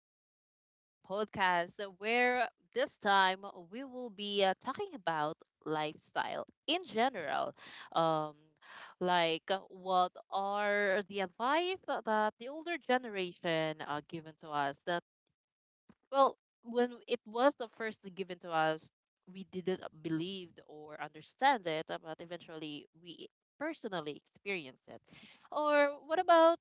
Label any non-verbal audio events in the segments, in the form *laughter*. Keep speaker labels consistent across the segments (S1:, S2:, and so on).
S1: again in the podcast where this time we will be talking about lifestyle in general. Um, like, what are the advice that the older generation given to us? That, well, when it was the first given to us, we didn't believe or understand it, but eventually we personally experience it. Or what about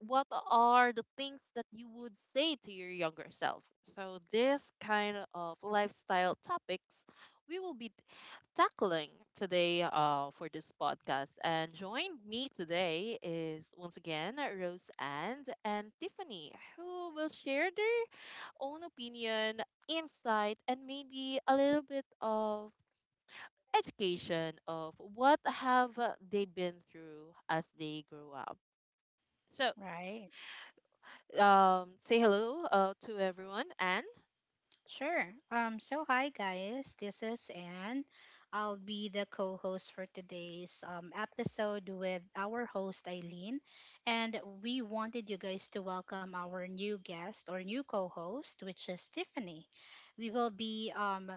S1: what are the things that you would say to your younger self? So, this kind of lifestyle topics we will be tackling today for this podcast. And joined me today is once again Rose and Tiffany, who will share their own opinion, insight, and maybe a little bit of education of what have they been through as they grow up. So
S2: Right.
S1: say hello to everyone and
S2: Sure. So hi guys, this is Anne. I'll be the co-host for today's episode with our host Eileen and we wanted you guys to welcome our new guest or new co-host which is Tiffany. We will be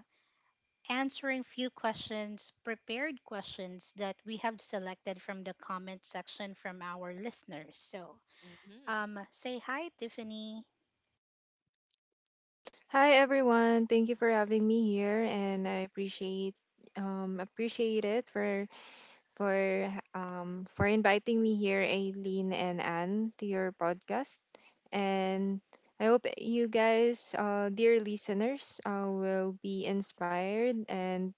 S2: answering few questions, prepared questions that we have selected from the comment section from our listeners. So,
S1: mhm.
S2: say hi Tiffany.
S3: Hi everyone. Thank you for having me here and I appreciate appreciate it for inviting me here Aileen and Anne to your podcast. And I hope you guys dear listeners will be inspired and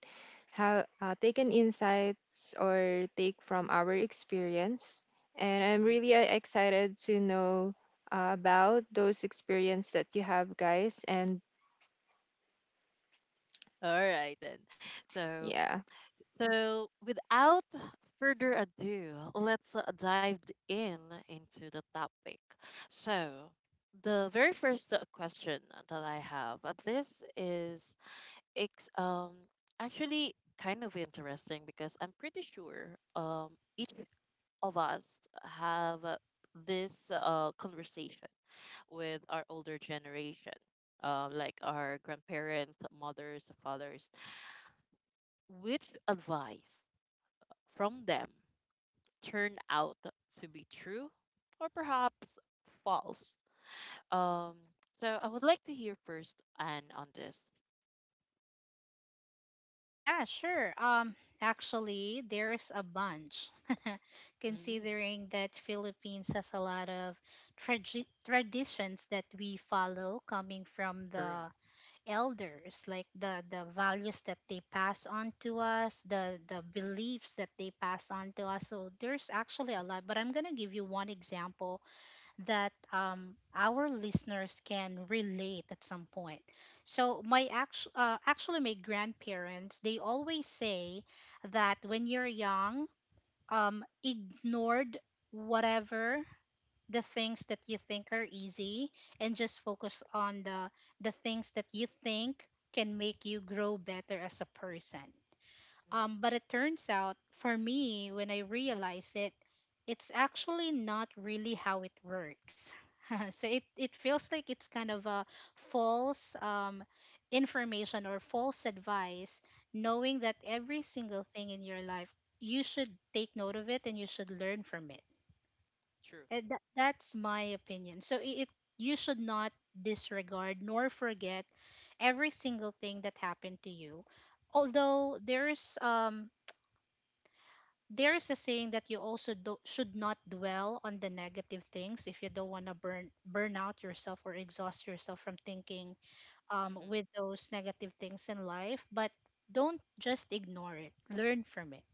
S3: have taken insights or take from our experience. And I'm really excited to know about those experience that you have guys and
S1: All right then. So,
S3: yeah.
S1: so without further ado, let's dive in into the topic. So, the very first question that I have, this is it's actually kind of interesting because I'm pretty sure each of us have this conversation with our older generation, like our grandparents, mothers, fathers, which advice from them turned out to be true or perhaps false? Um, so I would like to hear first Anne on this.
S2: Yeah, sure. Actually, there's a bunch, *laughs*
S1: Mm,
S2: considering that Philippines has a lot of traditions that we follow coming from
S1: true.
S2: the elders, like the values that they pass on to us, the beliefs that they pass on to us. So there's actually a lot, but I'm gonna give you one example that our listeners can relate at some point. So actually my grandparents they always say that when you're young, ignored whatever the things that you think are easy and just focus on the things that you think can make you grow better as a person.
S1: Hmm.
S2: But it turns out, for me, when I realize it, it's actually not really how it works. *laughs* So it feels like it's kind of a false information or false advice, knowing that every single thing in your life, you should take note of it and you should learn from it.
S1: True.
S2: That's my opinion. So it you should not disregard nor forget every single thing that happened to you although there is a saying that you also should not dwell on the negative things if you don't want to burn out yourself or exhaust yourself from thinking with
S1: Hmm.
S2: those negative things in life but don't just ignore it, learn from it.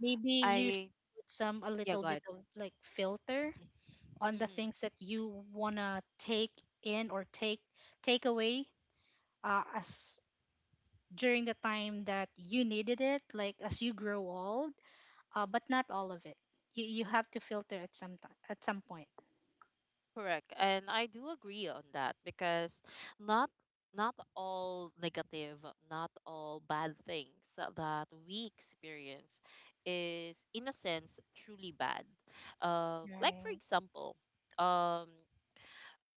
S2: Maybe you should
S1: I
S2: put some a
S1: Yeah,
S2: little
S1: go
S2: bit
S1: ahead.
S2: of like filter on the things that you want to take in or take away as during the time that you needed it, like as you grow old, but not all of it. You have to filter at some time, at some point.
S1: Correct. And I do agree on that because not not all negative, not all bad things that we experience is in a sense truly bad. Like for
S2: Right.
S1: example, um,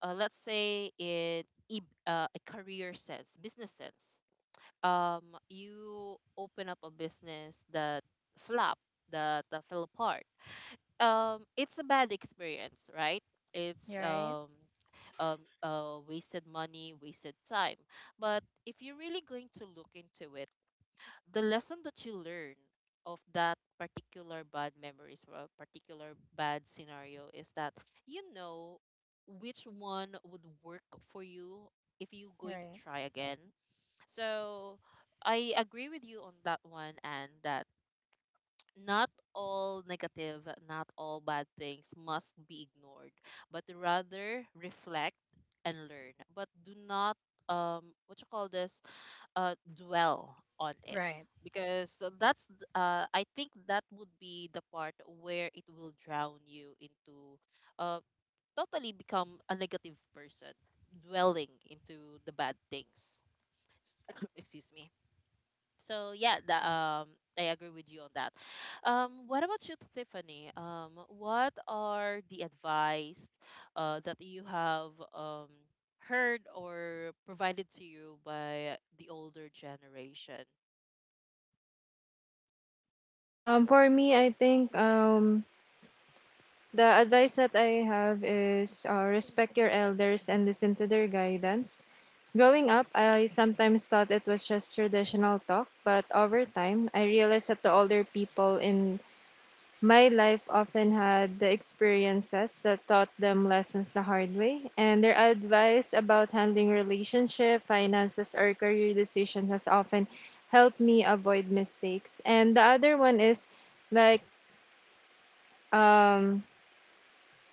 S1: let's say in a career sense, business sense. Um, you open up a business that flop, that fell apart, it's a bad experience, right? it's
S2: You're right.
S1: um Wasted money, wasted time. But if you're really going to look into it, the lesson that you learn of that particular bad memories or a particular bad scenario is that you know which one would work for you if you're going to
S2: Right.
S1: try again. So I agree with you on that one, and that not all negative, not all bad things must be ignored, but rather reflect and learn. But do not what you call this dwell on it,
S2: Right.
S1: because I think that would be the part where it will drown you into uh totally become a negative person dwelling into the bad things. *coughs* Excuse me. So yeah, that I agree with you on that. What about you, Tiffany? What are the advice that you have heard or provided to you by the older generation?
S3: For me, I think the advice that I have is respect your elders and listen to their guidance. Growing up, I sometimes thought it was just traditional talk, but over time, I realized that the older people in my life often had the experiences that taught them lessons the hard way, and their advice about handling relationship, finances, or career decisions has often helped me avoid mistakes. And the other one is like um,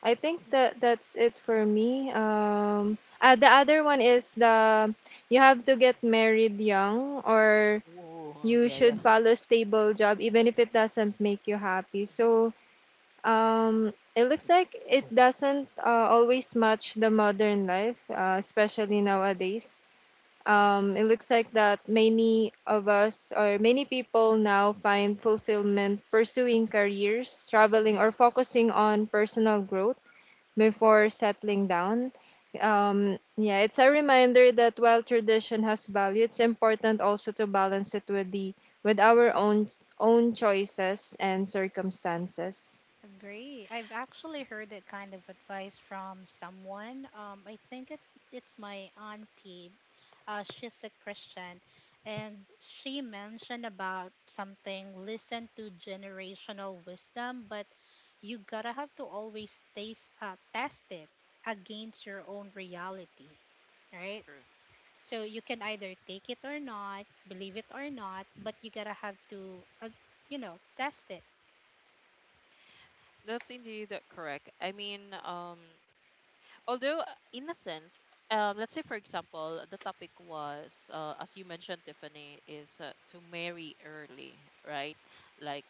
S3: I think that that's it for me. The other one is the you have to get married young or
S1: Hmm. Oh,
S3: you
S1: yeah, yeah.
S3: should follow stable job even if it doesn't make you happy. So, it looks like it doesn't always match the modern life, especially nowadays.
S1: Mm-hmm.
S3: It looks like that many of us or many people now find fulfillment pursuing careers, traveling, or
S2: Right.
S3: focusing on personal growth before settling down. Yeah, it's a reminder that while tradition has value, it's important also to balance it with the with our own choices and circumstances.
S2: Agree. I've actually heard that kind of advice from someone. I think it's my auntie. She's a Christian, and she mentioned about something. Listen to generational wisdom, but you gotta have to always taste test it against your own reality, right?
S1: True.
S2: So you can either take it or not, believe it or not, but you gotta have to, you know, test it.
S1: That's indeed correct. I mean, although in a sense, let's say for example the topic was as you mentioned Tiffany is to marry early, right? Like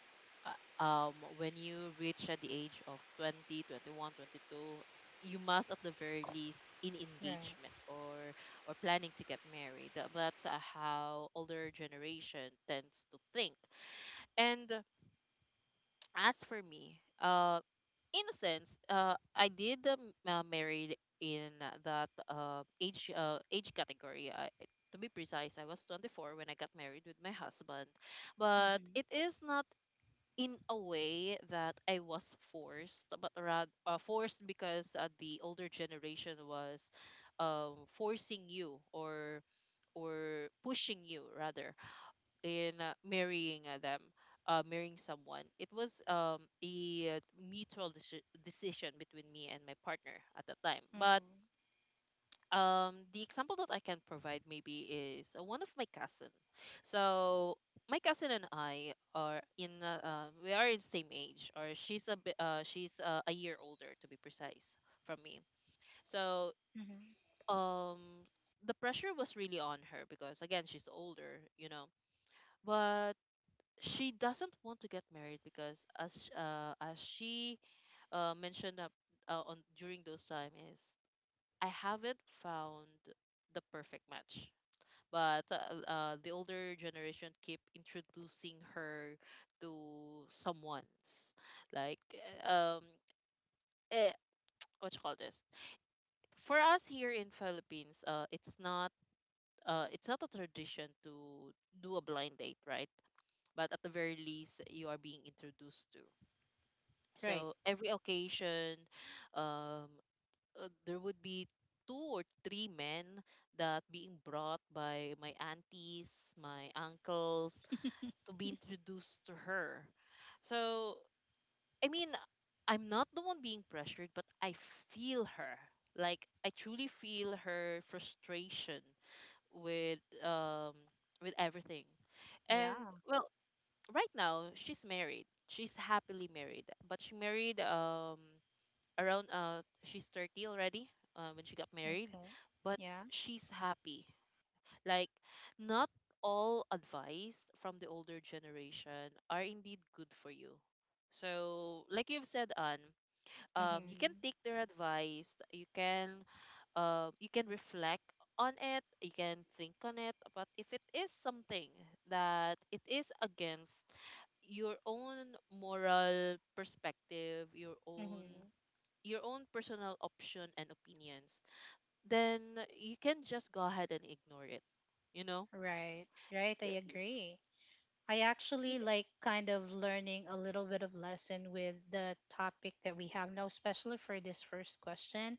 S1: when you reach at the age of 20, 21, 22, you must at the very least in
S2: Right.
S1: engagement or planning to get married. That's how older generation tends to think. And as for me, in a sense, I did married in that age category. I, to be precise, I was 24 when I got married with my husband, but
S2: Mm-hmm.
S1: it is not in a way that I was forced, but rather forced because the older generation was forcing you or pushing you rather in marrying marrying someone. It was a mutual decision between me and my partner at the time. But
S2: Mm-hmm.
S1: the example that I can provide maybe is one of my cousin. So my cousin and I are in we are in same age, or she's a bit, she's a year older to be precise from me. So
S2: Mm-hmm.
S1: um, the pressure was really on her because again she's older, you know, but she doesn't want to get married because as she mentioned up, on during those time is I haven't found the perfect match. But the older generation keep introducing her to someone's, like eh, eh, what you call this? For us here in Philippines, it's not a tradition to do a blind date, right? But at the very least, you are being introduced to.
S2: Right.
S1: So every occasion, um, there would be two or three men that being brought by my aunties, my uncles, to be introduced to her. So I mean, I'm not the one being pressured, but I feel her. Like I truly feel her frustration with um with everything. And
S2: Yeah.
S1: well, right now she's married. She's happily married, but she married around she's 30 already when she got married,
S2: Okay.
S1: but
S2: Yeah.
S1: she's happy. Like, not all advice from the older generation are indeed good for you. So like you've said, Anne, um, you can
S2: Mm-hmm.
S1: take their advice, you can reflect on it, you can think on it, but if it is something that it is against your own moral perspective,
S2: Mm-hmm.
S1: your own personal option and opinions, then you can just go ahead and ignore it. You know,
S2: Right. Right.
S1: Y-
S2: I
S1: y-
S2: agree. I
S1: you
S2: actually
S1: ca-
S2: like kind of learning a little bit of lesson with the topic that we have now, especially for this first question.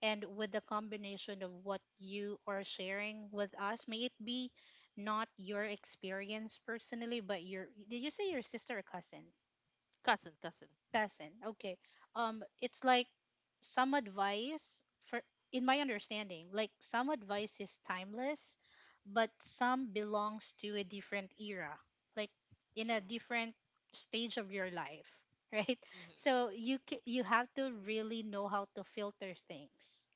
S2: And with the combination of what you are sharing with us, may it be not your experience personally but your, did you say your sister or cousin,
S1: cousin, cousin.
S2: cousin okay. It's like some advice for, in my understanding, like some advice is timeless but some belongs to a different era, like in a
S1: True.
S2: different stage of your life. *laughs* Right.
S1: Hmm.
S2: So you have to really know how to filter things.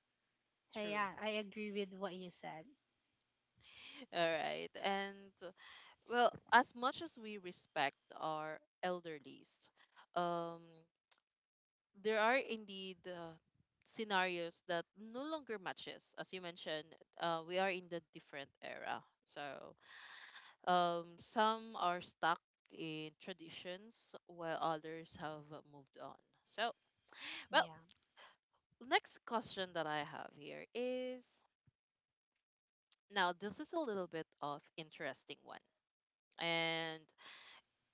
S1: True.
S2: Yeah, I agree with what you said.
S1: All right. And well, as much as we respect our elderlies, um, there are indeed scenarios that no longer matches. As you mentioned, we are in the different era. So um, some are stuck in traditions while others have moved on. So, well,
S2: Yeah.
S1: next question that I have here is now this is a little bit of interesting one, and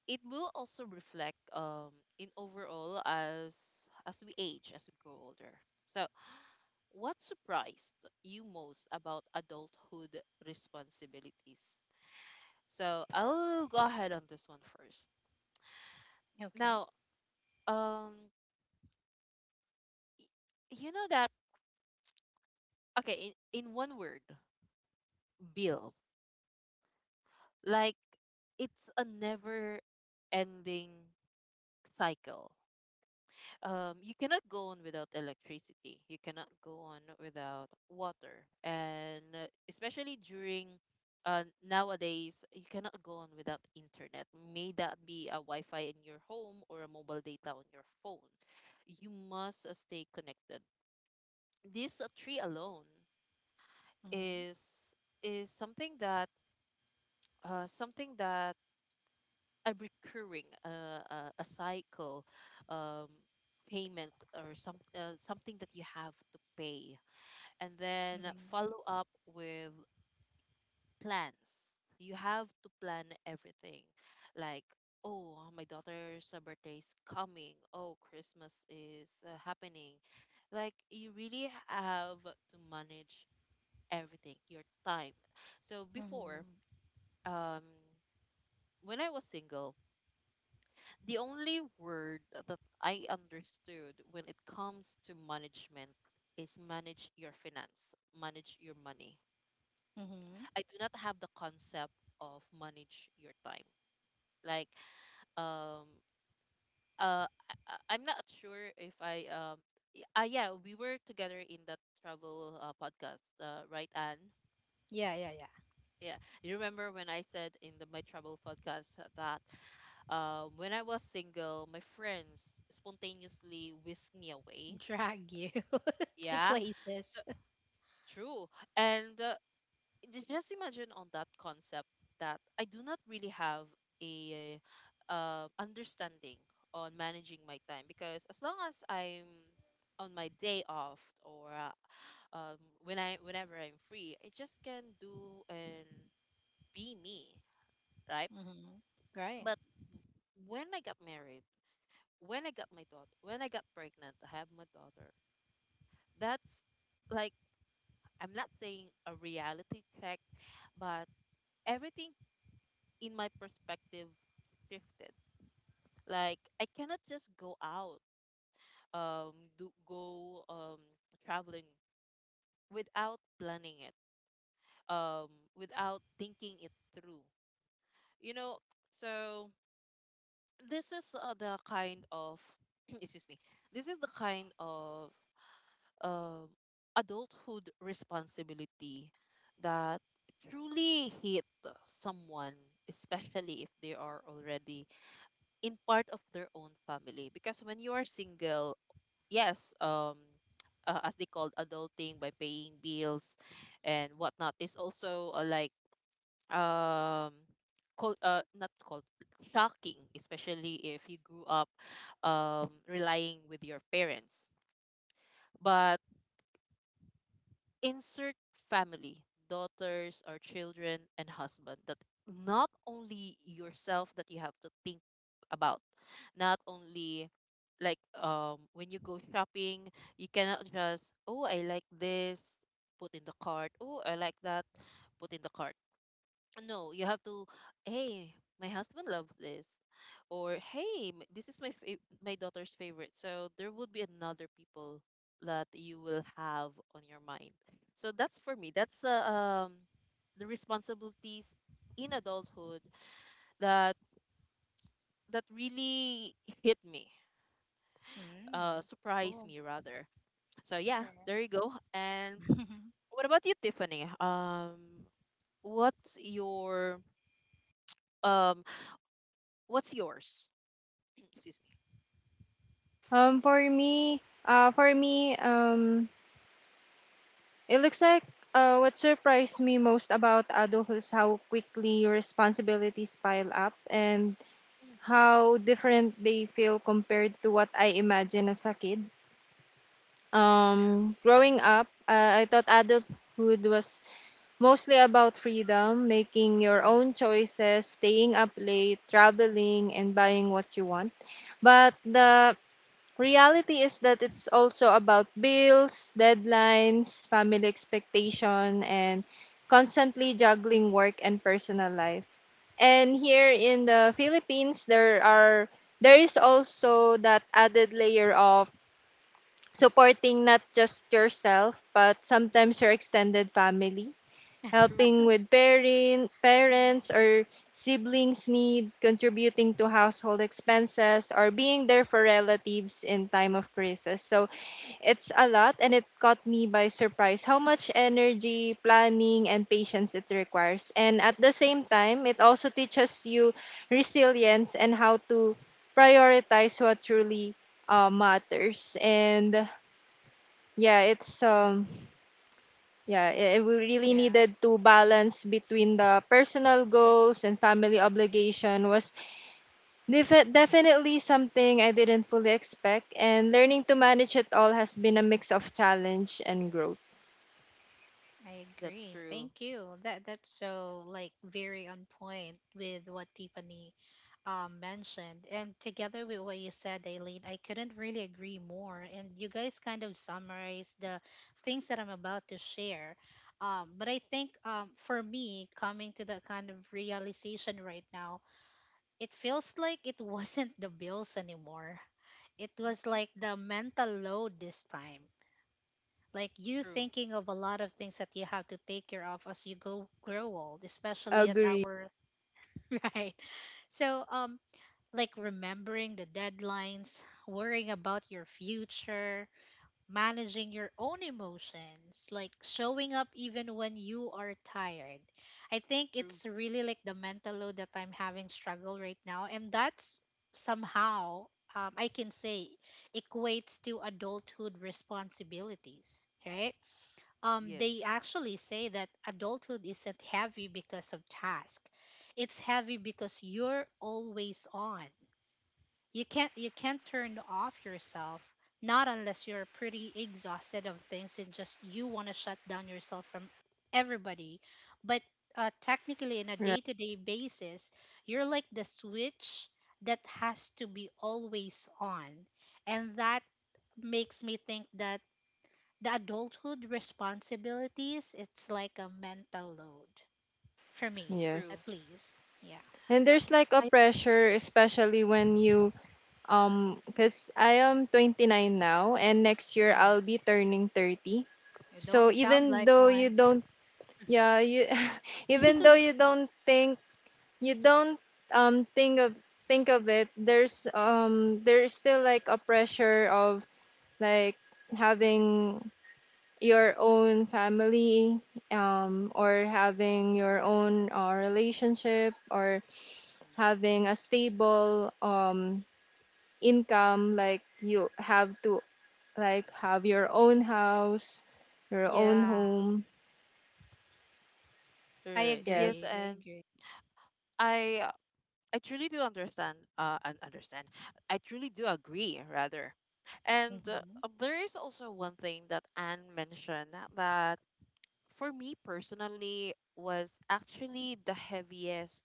S1: it will also reflect in overall as we age as we grow older. So, what surprised you most about adulthood responsibilities? So, I'll go ahead on this one first.
S2: Okay.
S1: Now, um you know that, okay, in one word, bills. Like, it's a never ending cycle. Um, you cannot go on without electricity, you cannot go on without water, and especially during nowadays you cannot go on without internet, may that be a wi-fi in your home or a mobile data on your phone. You must stay connected. This tree alone
S2: Mm-hmm.
S1: is is something that something that a recurring a cycle, um, payment, or some something that you have to pay. And then
S2: Mm-hmm.
S1: follow up with plans. You have to plan everything. Like, oh, my daughter's birthday is coming, oh, Christmas is happening. Like, you really have to manage everything, your time. So
S2: Mm-hmm.
S1: before, um when I was single, the only word that I understood when it comes to management is manage your finance, manage your money.
S2: Mm-hmm.
S1: I do not have the concept of manage your time. Like, um, I'm not sure if I, yeah, we were together in that travel podcast, right, Anne?
S2: Yeah, yeah, yeah.
S1: Yeah, you remember when I said in the my travel podcast that when I was single, my friends spontaneously whisked me away.
S2: Drag you *laughs* to
S1: Yeah. So
S2: places.
S1: true. And just imagine on that concept that I do not really have a understanding on managing my time because as long as I'm on my day off or um, when I whenever I'm free, I just can do and be me, right?
S2: Mm-hmm. Right.
S1: When I got married, when I got my daughter, when I got pregnant, I have my daughter. That's like, I'm not saying a reality check, but everything in my perspective shifted. Like I cannot just go out, um, do go traveling without planning it, um, without thinking it through. You know, so this is the kind of *clears throat* excuse me. This is the kind of um adulthood responsibility that truly hit someone, especially if they are already in part of their own family. Because when you are single, yes, as they called adulting by paying bills and whatnot is also like um called not called shocking, especially if you grew up relying with your parents. But insert family, daughters or children and husband, that not only yourself that you have to think about, not only like when you go shopping, you cannot just, oh, I like this, put in the cart. Oh, I like that, put in the cart. No, you have to, hey, my husband loves this, or hey, this is my daughter's favorite. So there would be another people that you will have on your mind. So that's for me. That's the responsibilities in adulthood that really hit me,
S2: Mm.
S1: surprised
S2: Cool.
S1: me rather. So yeah, there you
S2: Fair.
S1: go. And what about you, Tiffany? What's your um, what's yours? *clears throat* Excuse me.
S3: For me, it looks like what surprised me most about adults is how quickly responsibilities pile up and
S1: Mm, yeah.
S3: how different they feel compared to what I imagined as a kid. Growing up, I thought adulthood was mostly about freedom, making your
S1: Mhm.
S3: own choices, staying up late, traveling, and buying what you want. But
S1: True.
S3: the reality is that it's also about bills, deadlines, family expectation, and constantly juggling work and personal life. And here in the Philippines, there is also that added layer of supporting not just yourself but sometimes your extended family
S1: True.
S3: helping with parents or siblings need, contributing to household expenses or being there for relatives in time of crisis. So it's a lot and it caught me by surprise how much energy, planning and patience it requires, and at the same time it also teaches you resilience and how to prioritize what truly matters. And yeah, it's um yeah, we
S2: *laughs*
S3: really
S2: Yeah.
S3: needed to balance between the personal goals and family obligation was definitely something I didn't fully expect, and learning to manage it all has been a mix of challenge and growth.
S2: I
S1: That's
S2: agree.
S1: true.
S2: Thank you. That, that's so like very on point with what Tiffany mentioned, and together with what you said, Aileen, I couldn't really agree more. And you guys kind of summarized the things that I'm about to share. But I think for me, coming to that kind of realization right now, it feels like it *laughs* wasn't the bills anymore. It was
S1: Mm-hmm.
S2: like the mental load this time, like you
S1: True.
S2: thinking of a lot of things that you have to take care of as you go grow old, especially at
S3: Agree.
S2: our *laughs* right? So like remembering the deadlines, worrying about your future, managing your own emotions, like showing up even when you are tired. I think
S1: True.
S2: it's really like the mental load that I'm having struggle right now, and that's somehow, I can say, equates to adulthood responsibilities, right? They
S1: Yes.
S2: actually say that adulthood isn't heavy because of task. It's heavy because you're always on. You can't turn off yourself, not unless you're pretty exhausted of things and just you want to shut down yourself from everybody. But technically, in a
S3: Right.
S2: day-to-day basis, you're like the switch that has to be always on, and that makes me think that the adulthood responsibilities, it's like a mental load for me,
S1: True.
S2: at
S3: Yes.
S2: least. Yeah.
S3: And
S1: Uh,
S3: there's like a
S1: I
S3: pressure especially when you cuz I am 29 now and next year I'll be
S2: Hmm.
S3: turning 30.
S2: You
S3: So
S2: don't sound
S3: even
S2: like
S3: though you
S2: one.
S3: don't. Yeah, you *laughs* even though
S2: *laughs*
S3: you don't think, you don't think of it, there's still like a pressure of like having your own family or having your own relationship or having a stable income, like you have to like have your own house, your own
S2: Yeah,
S3: home.
S2: I
S1: Mhm. Right. Yes,
S2: agree.
S3: Yes.
S1: and
S2: I agree.
S1: I uh, I truly do understand and understand. I truly do agree rather. And
S2: Hmm.
S1: There is also one thing that Anne mentioned that for me personally was actually the heaviest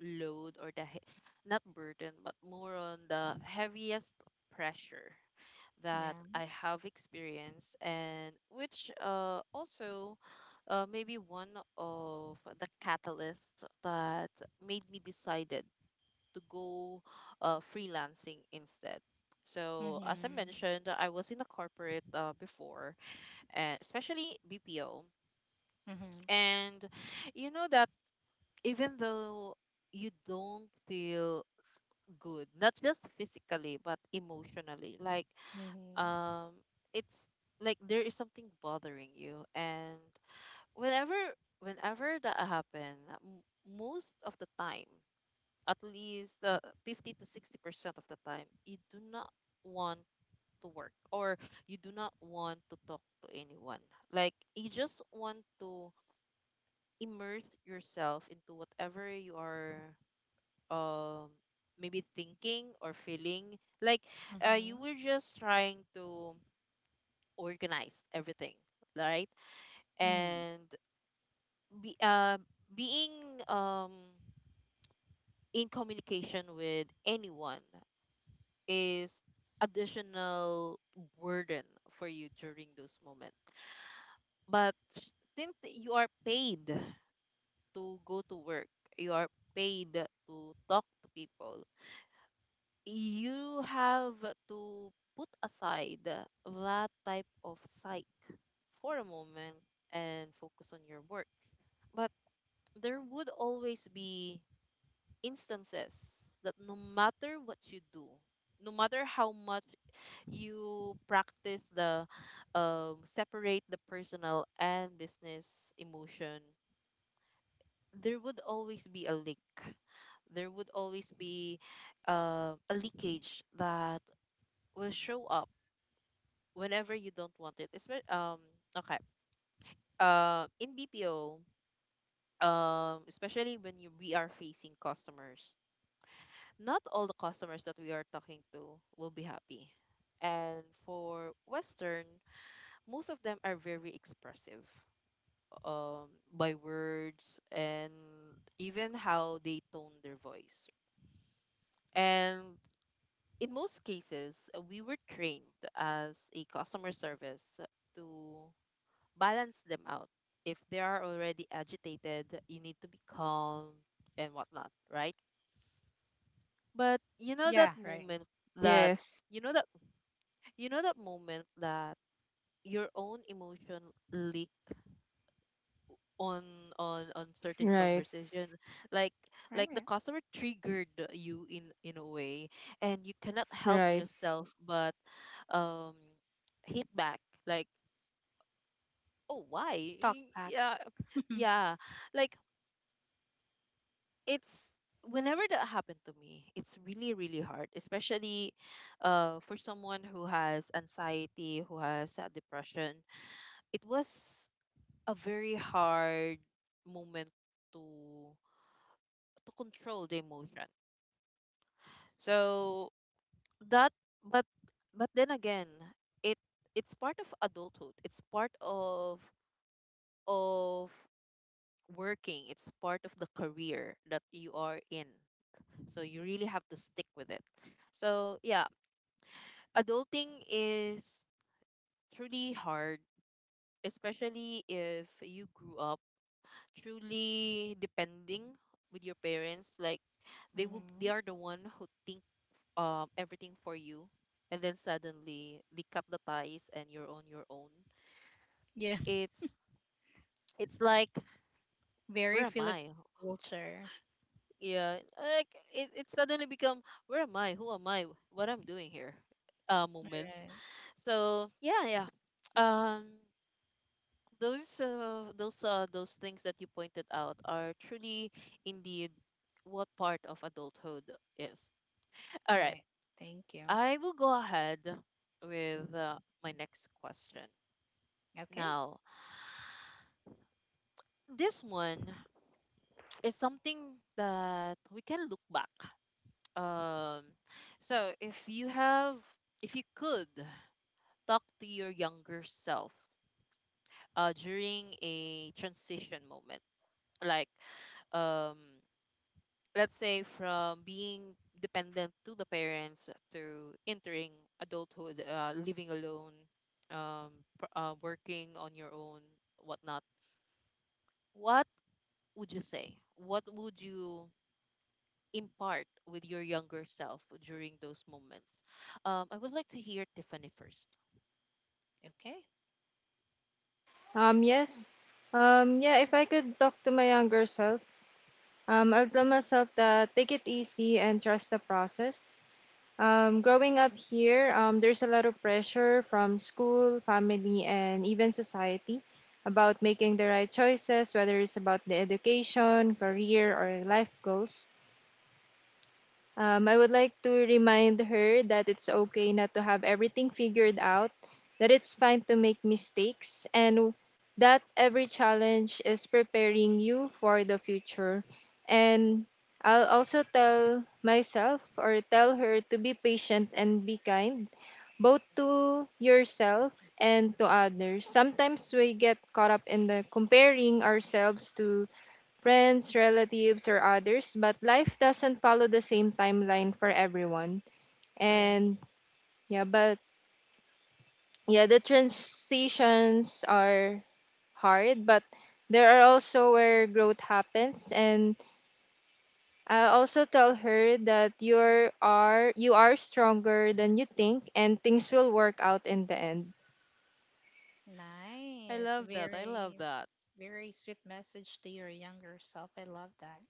S1: load or not burden but more on the heaviest pressure that
S2: Yeah.
S1: I have experienced, and which also maybe one of the catalysts that made me decided to go freelancing instead. So, as I
S2: Hmm.
S1: mentioned, I was in a corporate before, especially BPO.
S2: Hmm.
S1: And you know that even though you don't feel good, not just physically, but emotionally, like
S2: Hmm.
S1: um it's like there is something bothering you, and whenever whenever that happen, m- most of the time, at least the 50 to 60% of the time, you do not want to work, or you do not want to talk to anyone, like you just want to immerse yourself into whatever you are um maybe thinking or feeling, like you
S2: Hmm.
S1: were just trying to organized everything, right?
S2: Hmm.
S1: And be, uh being um, in communication with anyone is additional burden for you during those moments. But since you are paid to go to work, you are paid to talk to people, you have to put aside that type of psyche for a moment and focus on your work. But there would always be instances that no matter what you do, no matter how much you practice the separate the personal and business emotion, there would always be a leak. There would always be a leakage that will show up whenever you don't want it. Okay. In BPO, especially when we are facing customers, not all the customers that we are talking to will be happy. And for Western, most of them are very expressive, by words and even how they tone their voice. And in most cases, we were trained as a customer service to balance them out. If they are already agitated, you need to be calm and whatnot, right? But you know
S2: Yeah.
S1: that
S2: Right.
S1: moment that
S3: Yes.
S1: you know that you know that moment that your own emotion leak on on certain
S3: Right.
S1: conversation, like like
S2: Right.
S1: the customer triggered you in a way and you cannot help
S3: Right.
S1: yourself but um hit back, like oh why.
S2: Talk back.
S1: Yeah,
S2: Hmm.
S1: yeah, like it's, whenever that happened to me it's really hard, especially for someone who has anxiety, who has depression, it was a very hard moment to to control the emotion. So that but but then again, it it's part of adulthood. It's part of working. It's part of the career that you are in. So you really have to stick with it. So yeah, adulting is truly hard, especially if you grew up truly depending with your parents, like they are the one who think everything for you, and then suddenly they cut the ties and you're on your own.
S2: Yeah. *laughs*
S1: it's it's like
S2: Very
S1: where am
S2: Filipino
S1: I.
S2: culture.
S1: Yeah, like it suddenly become where am I, who am I, what I'm doing here, moment.
S2: Right.
S1: So yeah, yeah, um those those things that you pointed out are truly indeed what part of adulthood is, all right.
S2: Right. Thank you.
S1: I will go ahead with my next question.
S2: Okay.
S1: Now, this one is something that we can look back. Um, so if you could talk to your younger self during a transition moment, like um, let's say from being dependent to the parents to entering adulthood, living alone, um, working on your own, whatnot. What would you say? What would you impart with your younger self during those moments? I would like to hear Tiffany first.
S2: Okay.
S3: Yes. Yeah, if I could talk to my younger self, I would tell myself that take it easy and trust the process. Growing up here, there's a lot of pressure from school, family, and even society about
S1: Mhm,
S3: making the right choices, whether it's about the education, career, or life goals. I would like to remind her that it's okay not to have everything figured out, that it's fine to make mistakes, and that every challenge is preparing you for the future. And I'll also tell myself or tell her to be patient and be kind, both
S1: mhm.
S3: to yourself and to others. Sometimes we get caught up in the comparing ourselves to friends, relatives, or others, but life doesn't follow the same timeline for everyone.
S1: True.
S2: Right.
S3: And yeah, but yeah, the transitions are hard, but there are also where growth happens. And I also tell her that you are stronger than you think, and things will work out in the end.
S1: I
S2: Nice.
S1: love that. I love
S2: Very,
S1: that.
S2: very sweet message to your younger self. I love that.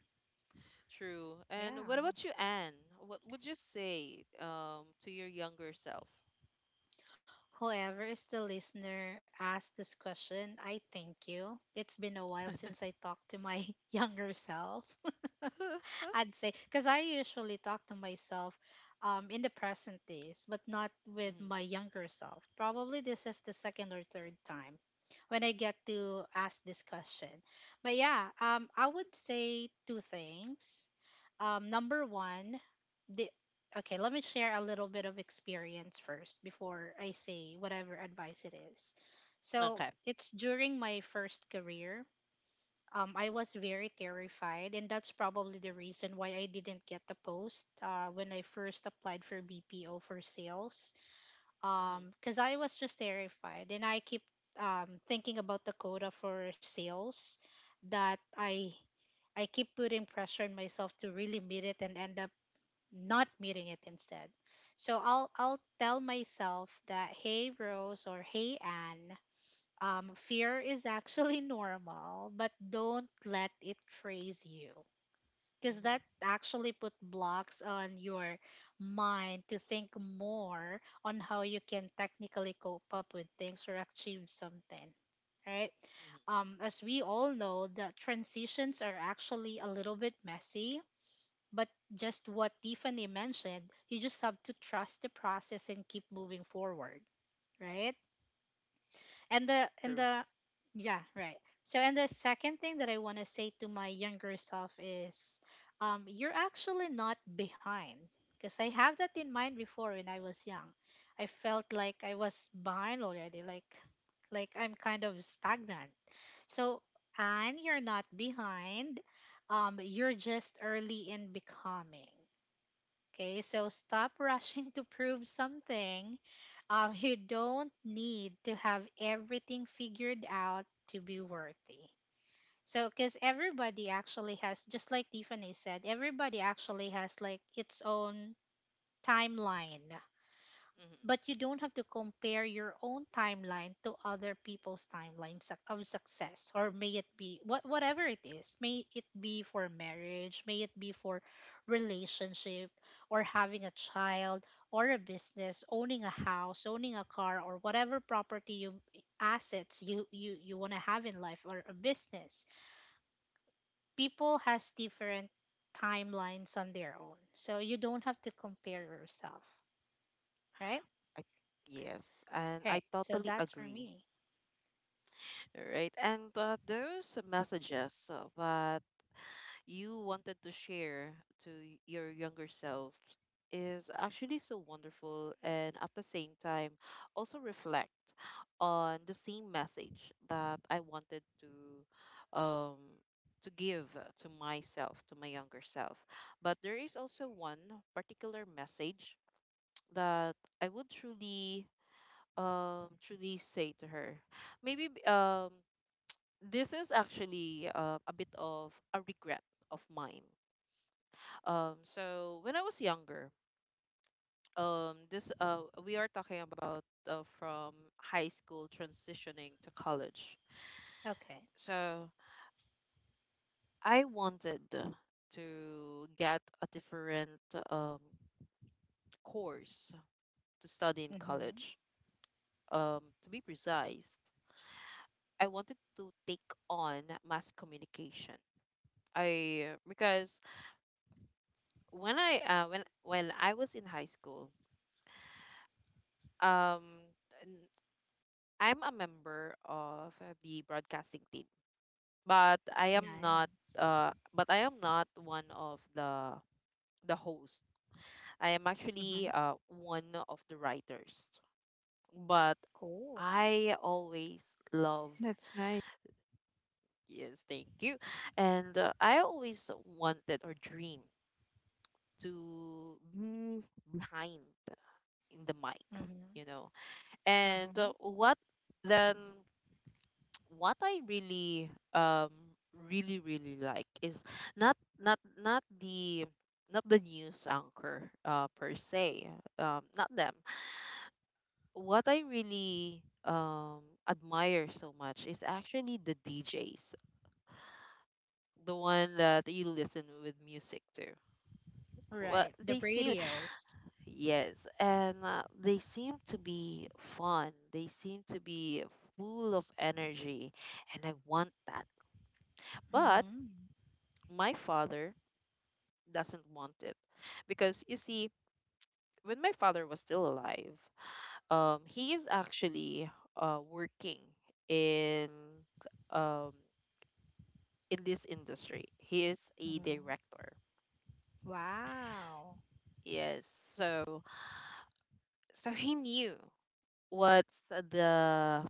S1: True. And what
S2: Yeah.
S1: about you, Anne? What would you say to your younger self?
S2: Whoever is the listener asked this question, I thank you. It's been a while since I
S1: *laughs*
S2: talked to my *laughs* younger self.
S1: Hmm.
S2: I'd say because I usually talk to myself in the present days, but not with my younger self. Probably this is the second or third time when I get to ask this question. But yeah, I would say two things. Number one, the okay, let me share a little bit of experience first before I say whatever advice it is. So
S1: Okay.
S2: it's during my first career, I was very terrified, and that's probably the reason why I didn't get the post when I first applied for BPO for sales.
S1: Hmm.
S2: Because I was just terrified, and I keep thinking about the quota for sales that I keep putting pressure on myself to really meet it and end up not meeting it instead. So I'll tell myself that hey Rose or hey Anne, fear is actually *laughs* normal, but don't let it freeze you. Because that
S1: Hmm.
S2: actually put blocks on your mind to think more on how you can technically cope up with things or achieve something, right?
S1: Hmm.
S2: As we all know, the transitions are actually a little bit messy, but just what Tiffany mentioned, you just have to trust the process and keep moving forward, right? And
S1: True.
S2: the yeah, right. So and the second thing that I want to say to my younger self is, you're actually not behind, because I have that in mind before. When I was young, I felt like I was behind already, like I'm kind of stagnant. So, and you're not behind, you're just early in becoming. Okay, so stop *laughs* rushing to prove something. You don't need to have everything figured out to be worthy. So, because everybody actually has, just like Tiffany said, everybody actually has like its own timeline,
S1: Hmm.
S2: but you don't have to compare your own timeline to other people's timelines of success, or may it be what, whatever it is, may it be for marriage, may it be for relationship, or having a child, or a business, owning a house, owning a car, or whatever property you assets you want to have in life, or a business. People has different timelines on their own, so you don't have to compare yourself, right?
S1: I, yes, and I
S2: Right, so
S1: totally
S2: that's for
S1: agree.
S2: me.
S1: All right, and those messages that you wanted to share to your younger self is actually so wonderful, and at the same time also reflect on the same message that I wanted to give to myself, to my younger self. But there is also one particular message that I would truly truly say to her. Maybe this is actually a bit of a regret of mine. Um, so when I was younger, this we are talking about from high school transitioning to college.
S2: Okay.
S1: So I wanted to get a different um, course to study in
S2: Mm-hmm.
S1: college. To be precise, I wanted to take on mass communication. I Because when I was in high school, um, I'm a member of the broadcasting team, but
S2: Nice.
S1: I am not one of the host. I am
S2: Mm-hmm.
S1: actually one of the writers. But
S2: Cool.
S1: I always loved,
S3: That's nice.
S1: yes, thank you. And I always wanted or dreamed to be behind in the mic,
S2: Mm-hmm.
S1: you know.
S2: Uh-huh.
S1: And then what I really really like is, not the, not the news anchor per se, not them. What I really admire so much is actually the DJs, the one that you listen with music to. Well,
S2: Right. The
S1: they seem,
S2: radios.
S1: yes, and they seem to be fun, they seem to be full of energy, and I want that. But
S2: Mm-hmm.
S1: my father doesn't want it, because you see, when my father was still alive, he is actually working in um this industry. He is a
S2: Mm-hmm.
S1: director.
S2: Wow.
S1: Yes, so so he knew what's the,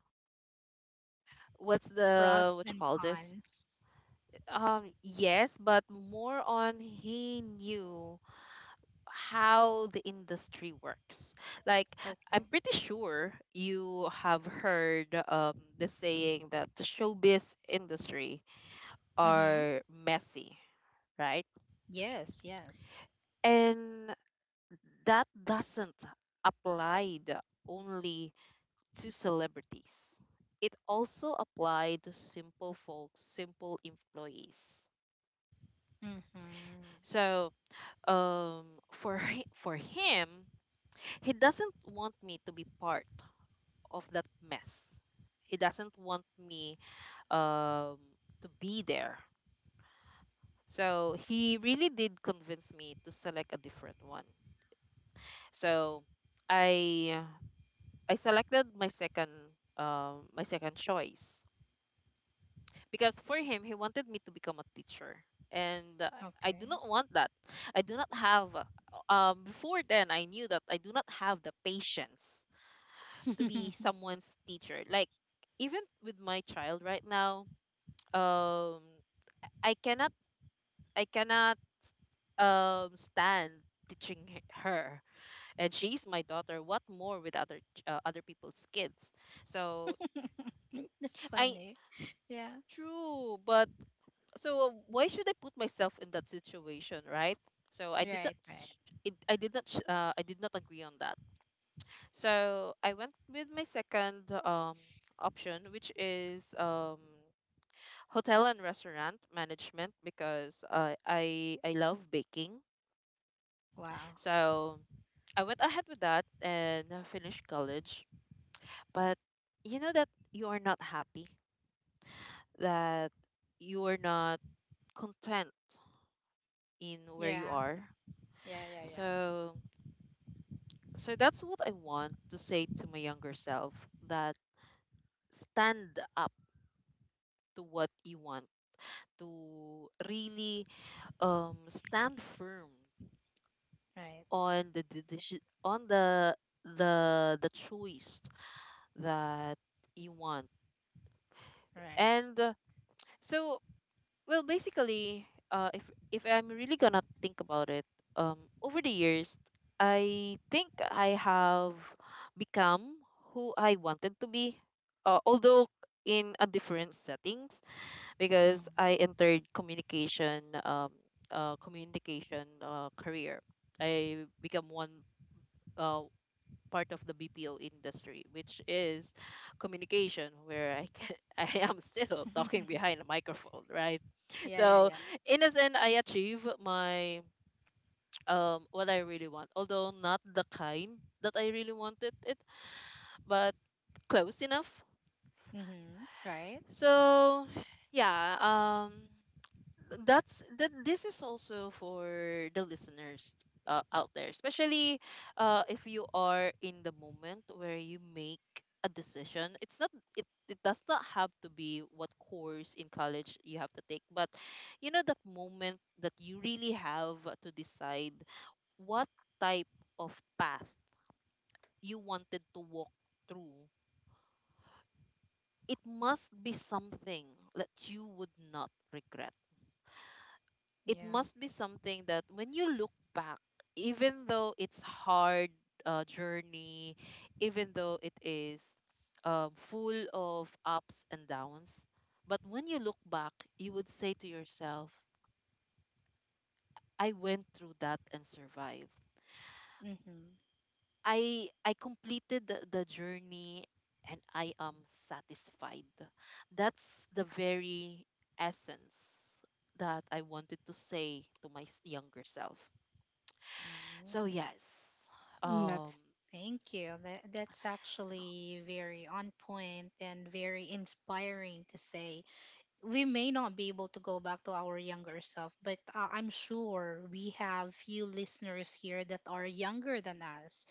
S1: what's the,
S2: Pros
S1: what you
S2: and
S1: call this,
S2: cons.
S1: yes, but more on he knew how the industry works. Like,
S2: Okay.
S1: I'm pretty sure you have heard the saying that the showbiz industry
S2: Mm-hmm.
S1: are messy, right?
S2: Yes, yes.
S1: And that doesn't applied only to celebrities. It also applied to simple folks, simple employees.
S2: Mm-hmm.
S1: So, um, for him, he doesn't want me to be part of that mess. He doesn't want me um, to be there. So he really did convince me to select a different one. So I I selected my second choice, because for him he wanted me to become a teacher, and I do
S2: Okay.
S1: not want that. I do not have before then, I knew that I do not have the patience to be
S2: *laughs*
S1: someone's teacher. Like, even with my child right now, um I cannot I cannot stand teaching her, and she's my daughter, what more with other other people's kids. So
S2: That's
S1: I
S2: funny. Yeah.
S1: true, but so why should I put myself in that situation, right? So I did not
S2: Right, right.
S1: s- it, I did not sh- I did not agree on that. So I went with my second option, which is hotel and restaurant management, because I love baking.
S2: Wow.
S1: So I went ahead with that and I finished college. But you know that you are not happy, that you are not content in where you
S2: Yeah.
S1: are.
S2: Yeah, yeah, yeah.
S1: So so that's what I want to say to my younger self, that stand up to what you want, to really stand firm
S2: Right,
S1: on the choice that you want.
S2: right.
S1: And so. Well, basically, if I'm really gonna think about it, over the years, I think I have become who I wanted to be, although in a different settings,
S2: Mm-hmm.
S1: because I entered communication, communication career. I become one, uh, part of the BPO industry, which is communication, where I can, *laughs* I am still talking
S2: *laughs*
S1: behind a microphone, right?
S2: Yeah, yeah,
S1: So
S2: yeah.
S1: in a sense, I achieve my what I really want, although not the kind that I really wanted it, but close enough.
S2: Mm-hmm. Right?
S1: So yeah, that this is also for the listeners out there, especially if you are in the moment where you make a decision. It's not, it, it does not have to be what course in college you have to take, but you know that moment that you really have to decide what type of path you wanted to walk through. It must be something that you would not regret. It
S2: Yeah.
S1: must be something that when you look back, even though it's hard journey, even though it is full of ups and downs, but when you look back, you would say to yourself, "I went through that and survived.
S2: Mm-hmm.
S1: I completed the journey." And I am satisfied. That's the very essence that I wanted to say to my younger self. So
S2: Mm.
S1: yes.
S3: Mm,
S1: Um.
S3: that's
S2: Thank you. That, that's actually very on point and very inspiring to say. We may not be able to go back to our younger self, but I'm sure we have few listeners here that are younger than us.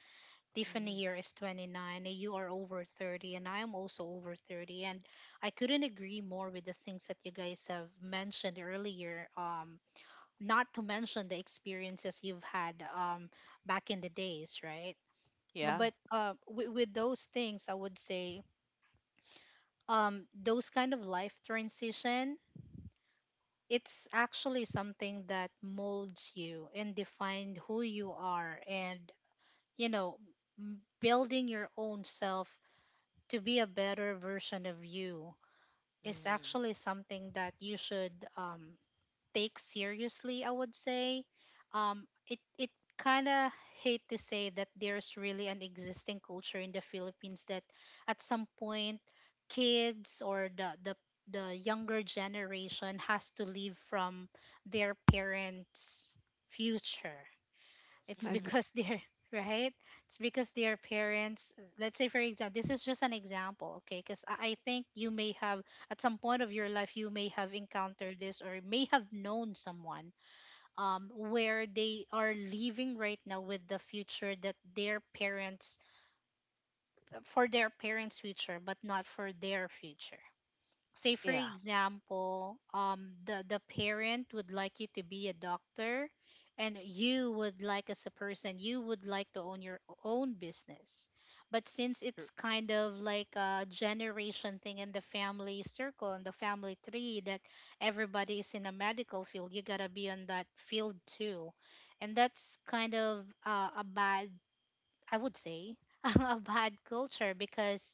S1: Mhm,
S2: Tiffany here is 29, and you are over 30, and I am also over 30. And I couldn't agree more with the things that you guys have mentioned earlier. Not to mention the experiences you've had back in the days, right?
S1: yeah.
S2: But with those things I would say, those kind of life transition, it's actually something that molds you and define who you are, and you know, building your own self to be a better version of you is
S1: Mm-hmm.
S2: actually something that you should, take seriously, I would say. It kind of hate to say that there's really an existing culture in the Philippines that at some point kids or the younger generation has to live from their parents' future. It's
S3: agree.
S2: because
S1: Hmm.
S2: they're *laughs* right. It's because their parents, let's say for example, this is just an example, okay, because I think you may have, at some point of your life, you may have encountered this or may have known someone, where they are living right now with the future that their parents, for their parents future, but not for their future. Say for
S1: Yeah.
S2: example, the parent would like you to be a doctor, and you would like, as a person, you would like to own your own business. But since
S1: True.
S2: it's kind of like a generation thing in the family circle and the family tree, that everybody is in a medical field, you gotta be on that field too. And that's kind of a bad, I would say, *laughs* a bad culture because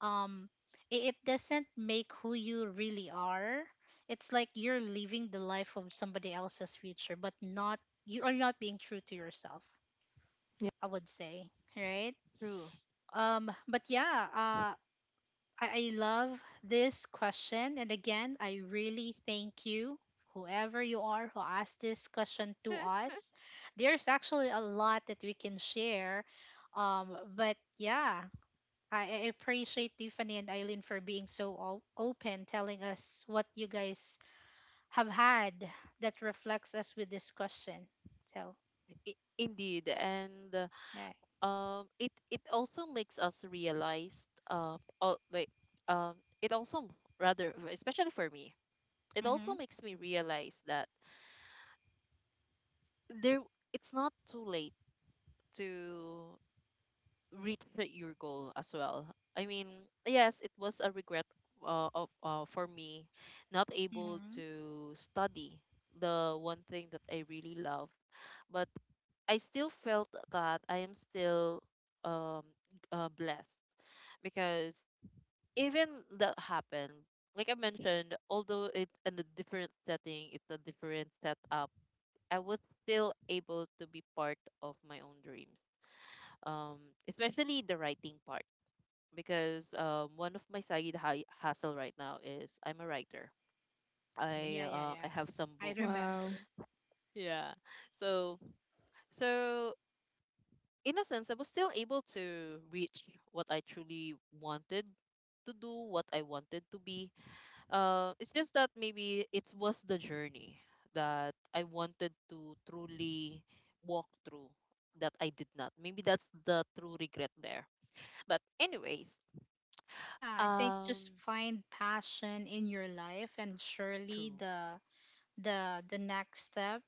S2: um, it doesn't make who you really are. It's like you're living the life of somebody else's future, but not, you are not being true to yourself.
S3: Yeah.
S2: I would say, right?
S1: True.
S2: But yeah, I love this question, and again, I really thank you, whoever you are, who asked this question to
S1: *laughs*
S2: us. There's actually a lot that we can share, but yeah, I appreciate Tiffany and Eileen for being so open, telling us what you guys have had that reflects us with this question. So,
S1: I- indeed, and
S2: yeah.
S1: it it also makes us realize. Oh wait. Um, it also rather, especially for me, it
S2: Mm-hmm.
S1: also makes me realize that there, it's not too late to reach your goal as well. I mean, yes, it was a regret of for me not able
S2: Mm-hmm.
S1: to study the one thing that I really loved, but I still felt that I am still um blessed because even that happened, like I mentioned, although it's in a different setting, it's a different setup. I was still able to be part of my own dreams, um, especially the writing part because one of my side hustle right now is I'm a writer.
S2: Yeah, yeah,
S1: I
S2: yeah.
S1: have some
S2: I
S1: books.
S3: Wow.
S2: remember.
S1: Yeah. So so in a sense, I was still able to reach what I truly wanted to do, what I wanted to be. It's just that maybe it was the journey that I wanted to truly walk through that I did not. Maybe that's the true regret there. But anyways,
S2: Yeah, I think
S1: um,
S2: just find passion in your life, and surely
S1: true,
S2: the the next step,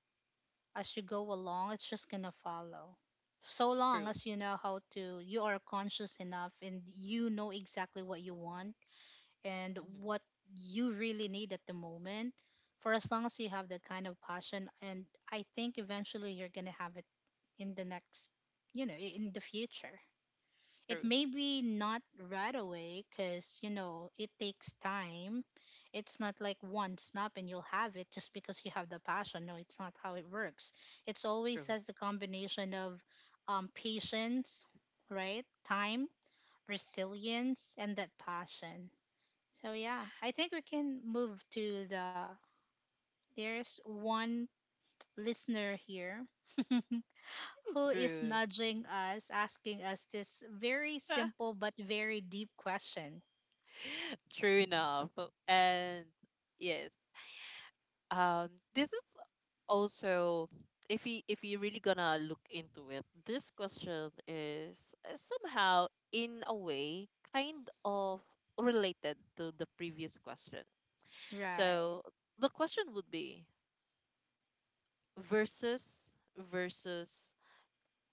S2: as you go along, it's just gonna follow. So long
S1: true.
S2: as you know how to, you are conscious enough, and you know exactly what you want and what
S1: Mm-hmm.
S2: you really need at the moment, for as long as you have that kind of passion. And I think eventually you're going to have it, in the next, in the future. It
S1: True,
S2: may be not right away, because you know it takes time. It's not like one snap and you'll have it just because you have the passion. No, it's not how it works. It's
S1: true,
S2: always as a combination of patience, right time, resilience, and that passion. So yeah, I think we can move to the, there's one listener here *laughs* who is
S1: true.
S2: nudging us, asking us this very
S1: *laughs*
S2: simple but very deep question.
S1: True enough. And yes, um, this is also if you really gonna look into it, this question is somehow in a way kind of related to the previous question.
S2: Right.
S1: So the question would be versus versus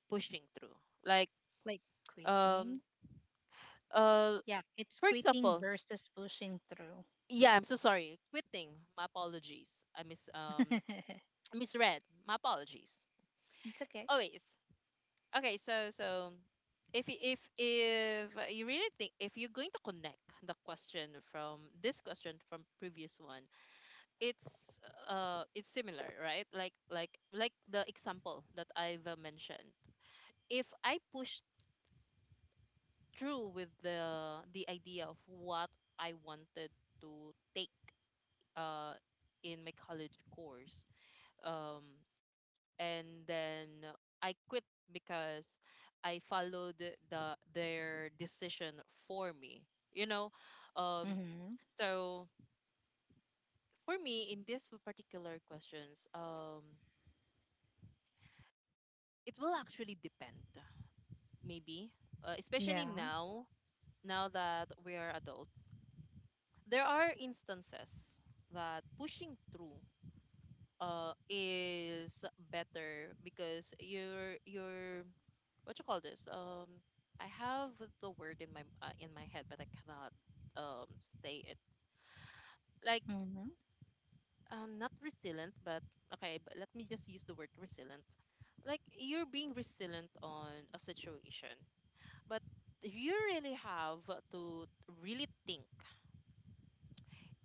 S1: pushing through. Like
S2: Like quitting.
S1: um uh
S2: Yeah, it's
S1: for
S2: quitting
S1: example,
S2: versus pushing through.
S1: yeah, I'm so sorry. Quitting. My apologies. I mis
S2: *laughs* It's
S1: *tsk* misread. My apologies.
S2: okay.
S1: Oh wait. It's, okay, so if if you really think if you're going to connect the question from this question from previous one, it's it's similar, right? Like the example that I've mentioned. If I push through with the idea of what I wanted to take uh in my college course, um, and then I quit because I followed their decision for me. You know, um,
S2: Mm-hmm.
S1: so for me in this particular questions, it will actually depend. Maybe, especially
S2: Yeah.
S1: now, now that we are adults, there are instances that pushing through is better because you're what you call this? I have the word in my head, but I cannot um say it. Like
S2: Mm-hmm.
S1: not resilient, but okay. But let me just use the word resilient. Like you're being resilient on a situation, but you really have to really think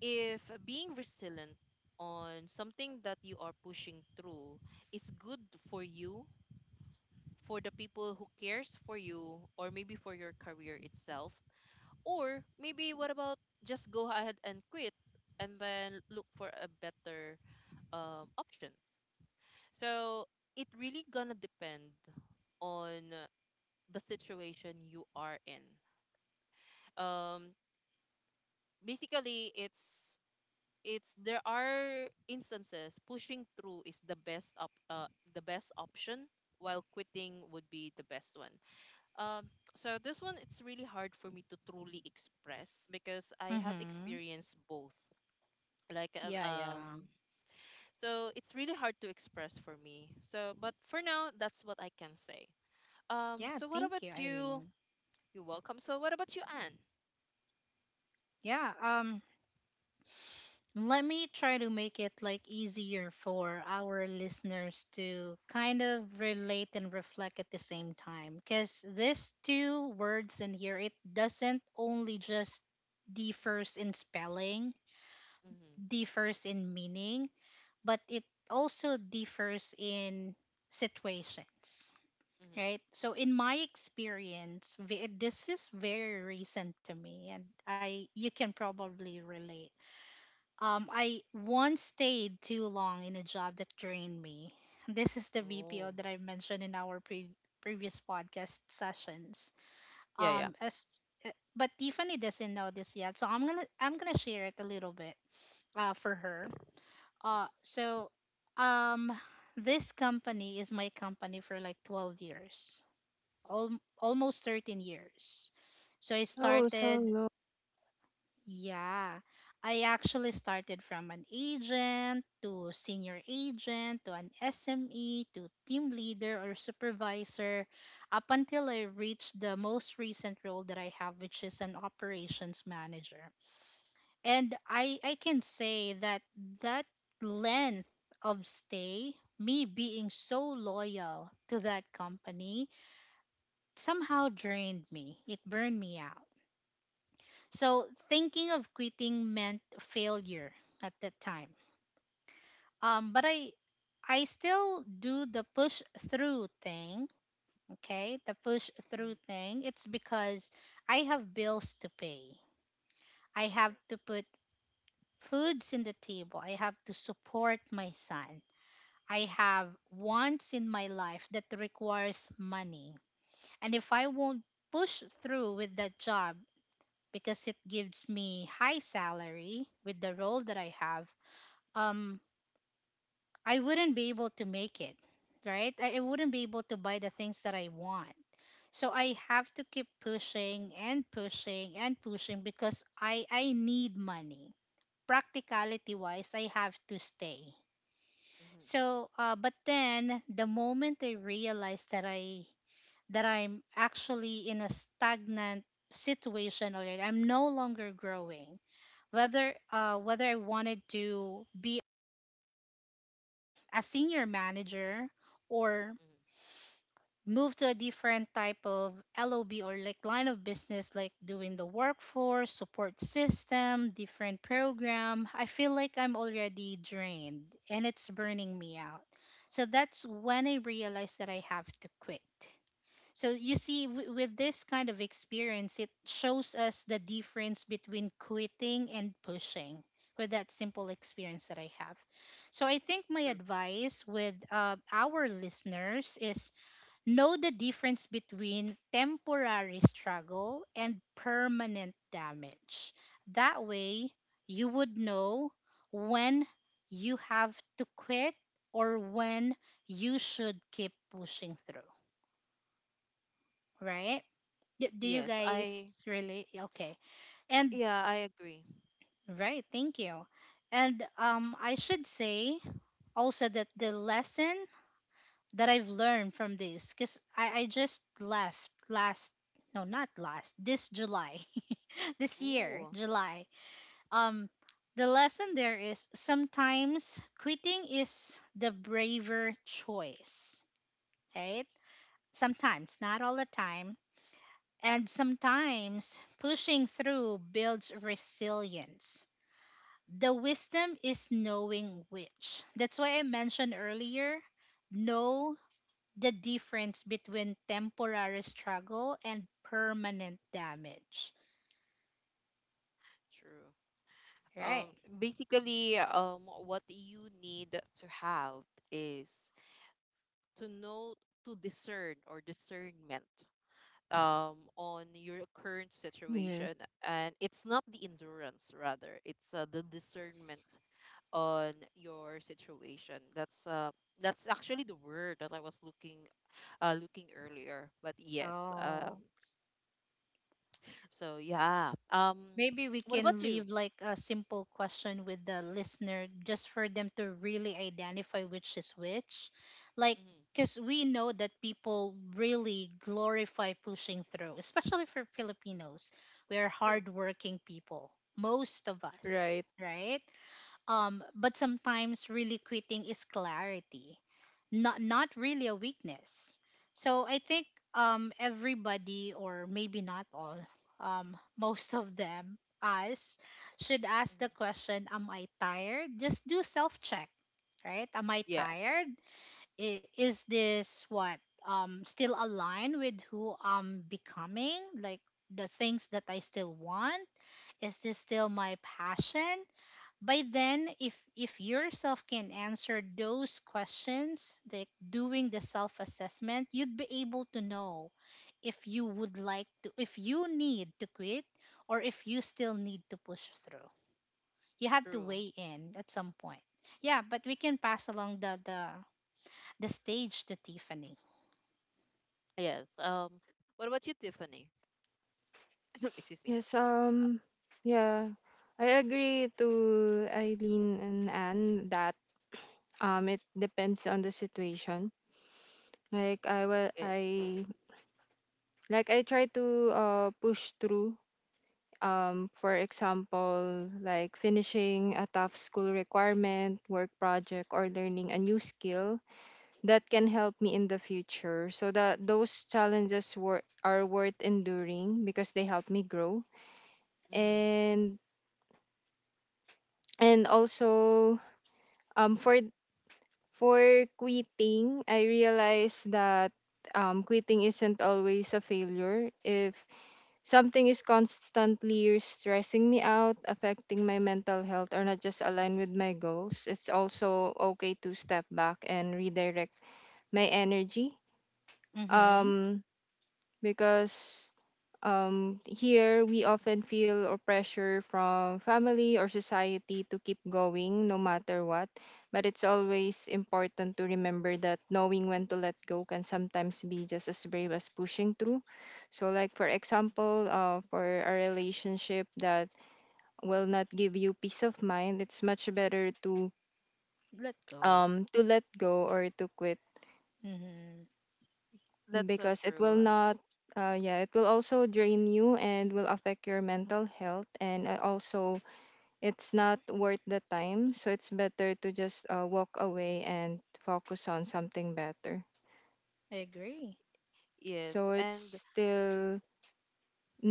S1: if being resilient on something that you are pushing through is good for you, for the people who cares for you, or maybe for your career itself. Or maybe what about just go ahead and quit and then look for a better option. So it really gonna depend on the situation you are in. Um, Basically, it's there are instances pushing through is the best op the best option while quitting would be the best one. Um, so this one it's really hard for me to truly express because I have
S2: Mm-hmm.
S1: experienced both like
S2: Yeah, yeah.
S1: so it's really hard to express for me, so but for now that's what I can say.
S2: Yeah,
S1: So what
S2: thank
S1: about
S2: you,
S1: you?
S2: Eileen.
S1: You're welcome, so what about you, Anne?
S2: Yeah, let me try to make it like easier for our listeners to kind of relate and reflect at the same time, because these two words in here, it doesn't only just differs in spelling,
S1: Mm-hmm,
S2: differs in meaning, but it also differs in situations,
S1: mm-hmm.
S2: right? So in my experience, this is very recent to me, and I, you can probably relate. I once stayed too long in a job that drained me. This is the BPO
S1: Oh,
S2: that I mentioned in our previous podcast sessions.
S1: yeah, yeah.
S2: As but Tiffany doesn't know this yet, so I'm gonna share it a little bit for her.
S1: Mm-hmm,
S2: So um, this company is my company for like 12 years, almost 13 years. So I
S3: Oh, so
S2: started,
S3: low.
S2: yeah, I actually started from an agent to senior agent to an SME to team leader or supervisor, up until I reached the most recent role that I have, which is an operations manager. And I can say that that length of stay, me being so loyal to that company, somehow drained me. It burned me out. So thinking of quitting meant failure at that time. But I still do the push through thing, okay? The push through
S1: mm-hmm.
S2: thing. It's because I have bills to pay. I have
S1: True.
S2: to put foods in the table. I have to support my son. I have wants in my life that requires money. And if I won't push through with that job, because it gives me high salary with the role that I have, um I wouldn't be able to make it, right? I wouldn't be able to buy the things that I want. So I have to keep pushing and pushing and pushing, because I need money. Practicality wise, I have to stay.
S1: Mm-hmm,
S2: So but then the moment I realized that I that I'm actually in a stagnant situation already, I'm no longer growing. Whether whether I wanted to be a senior manager or
S1: mm-hmm.
S2: move to a different type of LOB, or like line of business, like doing the workforce, support system, different program, I feel like I'm already drained and it's burning me out. So that's when I realized that I have to quit. So you see, with this kind of experience, it shows us the difference between quitting and pushing, with that simple experience that I have. So I think my
S1: True.
S2: advice with our listeners is, know the difference between temporary struggle and permanent damage. That way, you would know when you have to quit or when you should keep pushing through, right? Do you
S1: Yes,
S2: guys
S1: I.
S2: really? Okay. And,
S1: Yeah, I agree.
S2: right, thank you. And I should say also that the lesson that I've learned from this, because I just left last, no not last, this July, *laughs* this year
S1: Ooh.
S2: July, um the lesson there is, sometimes quitting is the braver choice, right? Sometimes, not all the time. And sometimes pushing through builds resilience. The wisdom is knowing which, that's why I mentioned earlier, know the difference between temporary struggle and permanent damage,
S1: True.
S2: right?
S1: um basically, what you need to have is to know, to discern, or discernment, on your current
S3: Yes.
S1: situation, and it's not the endurance, rather it's the discernment on your situation. That's that's actually the word that I was looking, looking earlier. But yes.
S2: Oh,
S1: So yeah.
S2: maybe we
S1: What about
S2: can
S1: you?
S2: leave like a simple question with the listener just for them to really identify which is which. Like,
S1: Hmm.
S2: because we know that people really glorify pushing through, especially for Filipinos. We are
S1: True.
S2: hardworking people, most of us,
S3: Right.
S2: right? But sometimes really quitting is clarity, not not really a weakness. So I think everybody, or maybe not all, most of them us, should ask the
S1: Hmm.
S2: question, am I tired? Just do self check, right? Am I
S1: Yes.
S2: tired? Is this what still aligned with who I'm becoming? Like the things that I still want? Is this still my passion? By then, if yourself can answer those questions, like doing the self assessment, you'd be able to know if you would like to, if you need to quit or if you still need to push through. You have to
S1: True.
S2: weigh in at some point. Yeah, but we can pass along the the stage to Tiffany.
S1: Yes. What about you, Tiffany? *coughs* Excuse me.
S3: Yes, yeah, I agree to Eileen and Anne that it depends on the situation. Like I will,
S1: Yes.
S3: I like I try to push through. For example, like finishing a tough school requirement, work project, or learning a new skill that can help me in the future. So that those challenges were are worth enduring because they help me grow.
S1: Mm-hmm.
S3: and and also um for for quitting, I realized that quitting isn't always a failure. If something is constantly stressing me out, affecting my mental health or not just aligned with my goals, it's also okay to step back and redirect my energy.
S2: Mm-hmm.
S1: Mm-hmm.
S3: Um because Here we often feel or pressure from family or society to keep going no matter what. But it's always important to remember that knowing when to let go can sometimes be just as brave as pushing through. So, like for example, for a relationship that will not give you peace of mind, it's much better
S2: Let go.
S3: to let go or to quit,
S2: Mm-hmm.
S1: That's so
S3: because it
S1: true.
S3: will not yeah, it will also drain you and will affect your mental health, and also it's not worth the time, so it's better to just walk away and focus on something better.
S2: I agree.
S1: Yes,
S3: So it's
S1: and
S3: still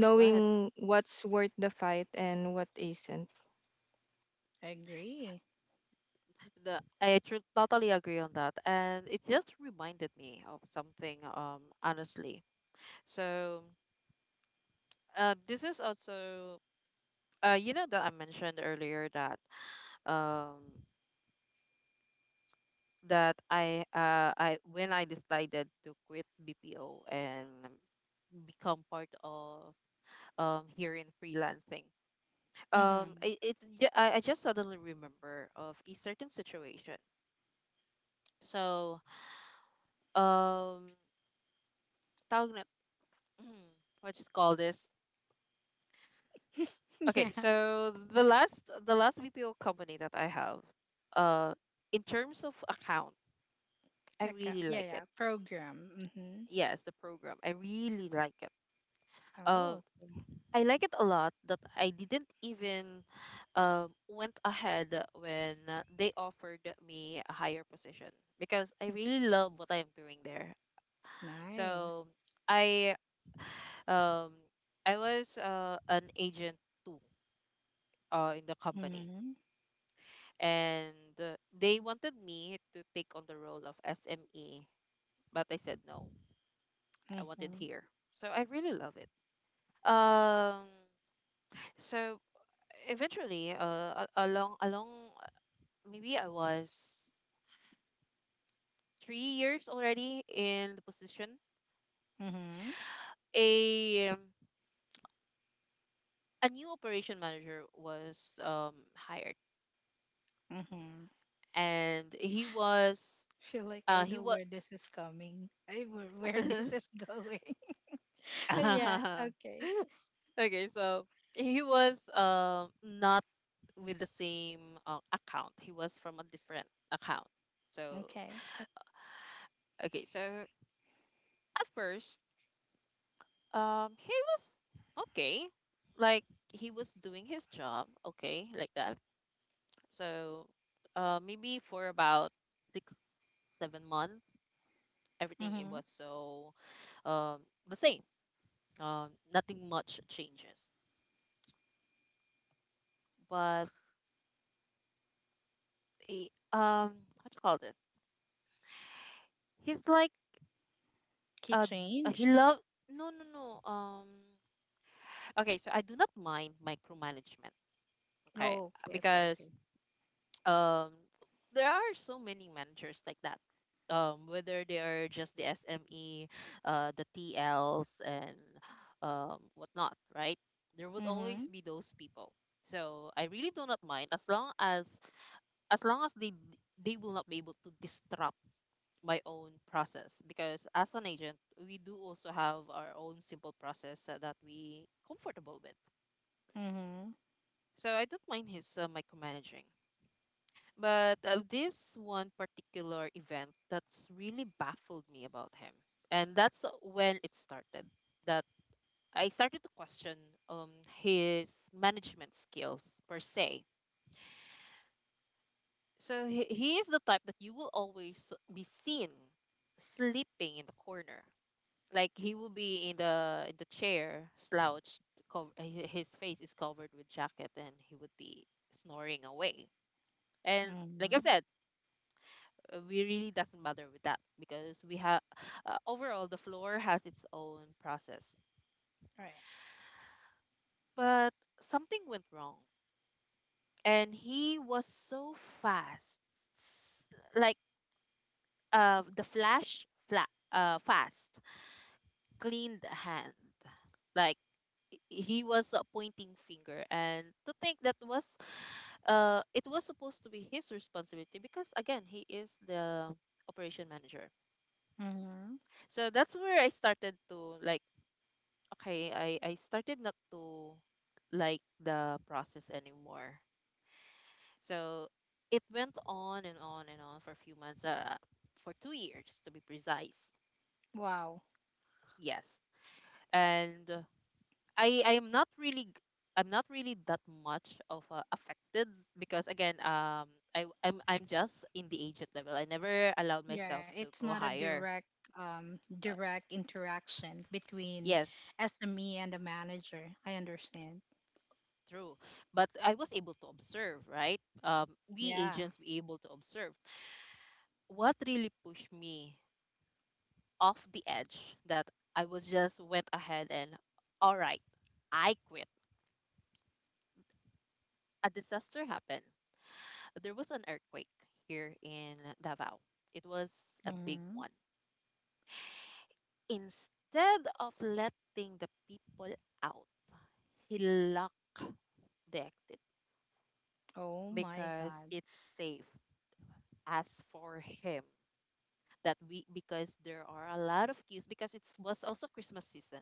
S1: yeah, go ahead.
S3: what's worth the fight and what isn't.
S2: I agree.
S1: The, I tr totally agree on that, and it just reminded me of something. Honestly, so this is also you know that I mentioned earlier that um that I when I decided to quit BPO and become part of here in freelancing.
S2: Mm-hmm.
S1: It, it's ju- I just suddenly remember of a certain situation. So. um tawag na, mm, what you call this? Okay,
S2: *laughs* Yeah,
S1: so the last BPO company that I have uh in terms of account, I
S2: like a,
S1: really
S2: yeah
S1: like
S2: yeah
S1: it.
S2: program. Mm-hmm.
S1: Yes, the program I really like it. uh
S2: Oh, okay.
S1: I like it a lot that I didn't even went ahead when they offered me a higher position because I really love what I'm doing there. So
S2: Nice.
S1: I. um I was an agent in the company.
S2: Mm-hmm.
S1: And they wanted me to take on the role of SME, but I said no. I wanted
S2: Mm-hmm.
S1: here. So I really love it. Um, so eventually, a- along along uh, maybe I was 3 years already in the position.
S2: Mm-hmm.
S1: A um, a new operation manager was hired,
S2: Mm-hmm.
S1: and
S2: Feel like I
S1: he
S2: know
S1: was
S2: where this is coming. *laughs* I where this is going. *laughs* Yeah. Okay.
S1: *laughs* okay, so he was not with the same account. He was from a different account. So
S2: Okay.
S1: okay, so at first, he was okay, like he was doing his job, okay, like that. So, maybe for about 6, 7 months, everything it
S2: Mm-hmm.
S1: was so the same. Nothing much changes. But what do you call this? He's like
S2: Key
S1: uh he
S2: changed.
S1: loved, no no no. Okay, so I do not mind micromanagement, okay,
S2: Oh, okay. Okay.
S1: because
S2: Okay.
S1: um there are so many managers like that, whether they are just the SME, the TLs, and whatnot, right? There would
S2: Mm-hmm.
S1: always be those people. So I really do not mind, as long as long as they will not be able to disrupt my own process, because as an agent we do also have our own simple process, that we comfortable with.
S2: Mm-hmm.
S1: So I don't mind his micromanaging. But this one particular event that's really baffled me about him, and that's when it started that I started to question, um, his management skills per se. So he is the type that you will always be seen sleeping in the corner, like he will be in the chair, slouched, his face is covered with jacket, and he would be snoring away. And like I've
S2: Mm-hmm.
S1: said, we really doesn't bother with that because we have, overall, the floor has its own process.
S2: Right.
S1: But something went wrong, and he was so fast. S- like the flash flat Fast, clean the hand, like he was a pointing finger, and to think that was, it was supposed to be his responsibility, because again he is the operation manager.
S2: Mm-hmm.
S1: So that's where I started to, like, okay, I started not to like the process anymore. So it went on and on and on for a few months, for 2 years to be precise.
S2: Wow.
S1: Yes. And I I'm not really g- I'm not really that much of affected because again, I'm just in the agent level. I never allowed myself
S2: Yeah.
S1: to
S2: It's
S1: go
S2: not a
S1: higher.
S2: direct
S1: Uh,
S2: direct interaction between
S1: yes,
S2: SME and the manager. I understand.
S1: true. But I was able to observe, right? Um, we
S2: Yeah.
S1: agents were able to observe. What really pushed me off the edge, that I was just went ahead and, all right, I quit. A disaster happened. There was an earthquake here in Davao. It was a big
S2: Mm-hmm.
S1: one. Instead of letting the people out, he locked the exit
S2: Oh my
S1: because
S2: God.
S1: it's safe as for him. That we, because there are a lot of queues, because it was also Christmas season,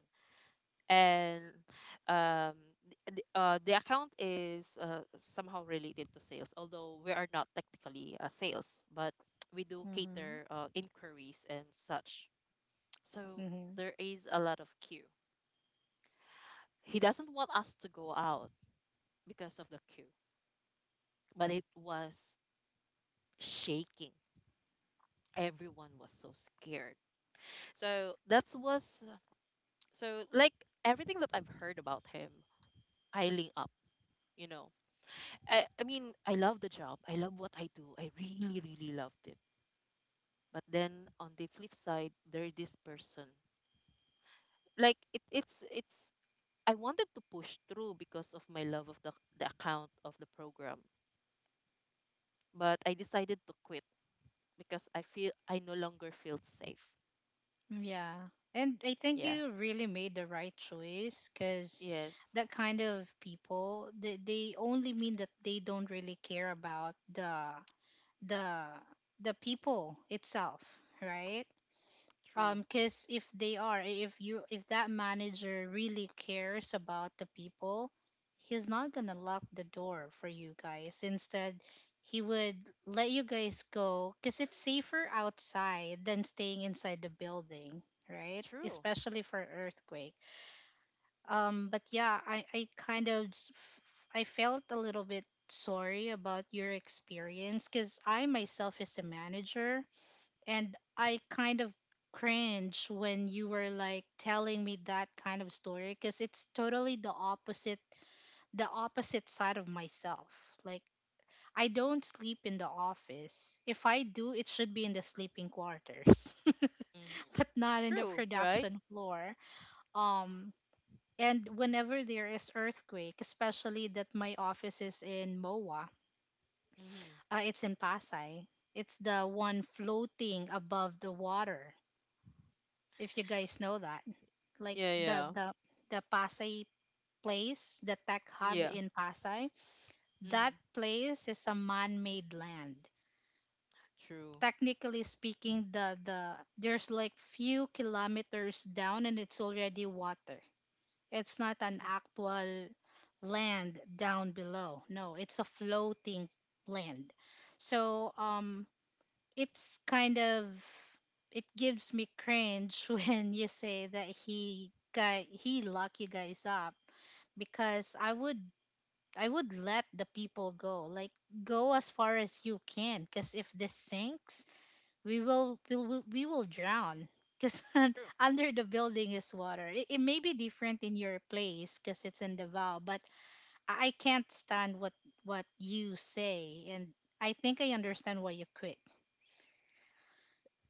S1: and um the account is somehow related to sales, although we are not technically sales, but we do
S2: Mm-hmm.
S1: cater inquiries and such. So
S2: Mm-hmm.
S1: there is a lot of queue. He doesn't want us to go out because of the queue. But it was shaking. Everyone was so scared. So that was so like everything that I've heard about him, I up. You know, I mean, I love the job. I love what I do. I really, really loved it. But then on the flip side, there this person. Like it's. I wanted to push through because of my love of the account, of the program, but I decided to quit because I feel, I no longer feel safe.
S2: Yeah. And I think
S1: Yeah.
S2: you really made the right choice, because
S1: Yes.
S2: that kind of people, they only mean that they don't really care about the the the people itself, right?
S1: True.
S2: Because if they are, if you, if that manager really cares about the people, he's not gonna lock the door for you guys. Instead, he would let you guys go, because it's safer outside than staying inside the building, right?
S1: True.
S2: Especially for earthquake. But yeah, I kind of, I felt a little bit sorry about your experience, because I myself is a manager, and I kind of cringe when you were like telling me that kind of story, because it's totally the opposite, the opposite side of myself. Like, I don't sleep in the office. If I do, it should be in the sleeping quarters,
S1: Mm-hmm.
S2: *laughs* but not in the
S1: True. Right.
S2: production floor. Um and whenever there is earthquake, especially that my office is in MOA,
S1: Mm-hmm.
S2: it's in Pasay. It's the one floating above the water. If you guys know that, like
S1: Yeah,
S2: the
S1: yeah,
S2: the the Pasay place, the tech hub
S1: yeah.
S2: in Pasay. That
S1: Mm-hmm.
S2: place is a man-made land.
S1: True.
S2: Technically speaking, the there's like few kilometers down, and it's already water. It's not an
S1: Mm-hmm.
S2: actual land down below. No, it's a floating land. So it's kind of, it gives me cringe, *laughs* when you say that he guy he lock you guys up, because I would, I would let the people go. Like, go as far as you can, because if this sinks, we will drown. Because *laughs*
S1: True.
S2: under the building is water. It may be different in your place because it's in Davao, but I can't stand what you say, and I think I understand why you quit.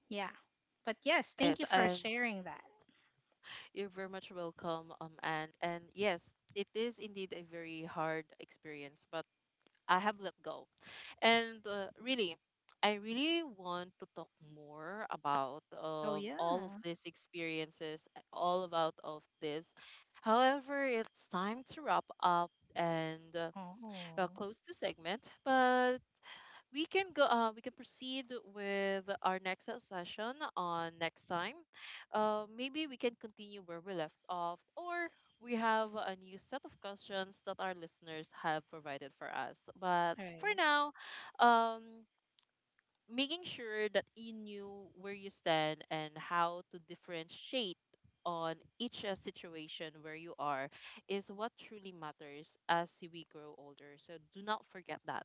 S2: Yeah, but yes,
S1: Yes,
S2: thank you for
S1: and
S2: sharing that.
S1: you're very much welcome, and yes, it is indeed a very hard experience, but I have let go, and really, I really want to talk more about
S2: Oh
S1: all of
S2: yeah.
S1: these experiences, all about of this. However, it's time to wrap up, and
S2: Oh, all
S1: close the segment, but we can go. We can proceed with our next session on next time. Maybe we can continue where we left off, or we have a new set of questions that our listeners have provided for us. But for
S2: right.
S1: now, um, making sure that you knew where you stand and how to differentiate on each situation where you are is what truly matters as we grow older. So do not forget that.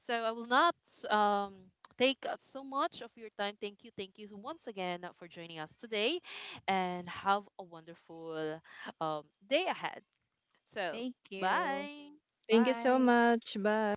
S1: So I will not um, take so much of your time. Thank you. Thank you once again for joining us today and have a wonderful um, day ahead. So,
S2: Thank you.
S1: bye.
S3: Thank you so
S2: Bye.
S3: much. Bye.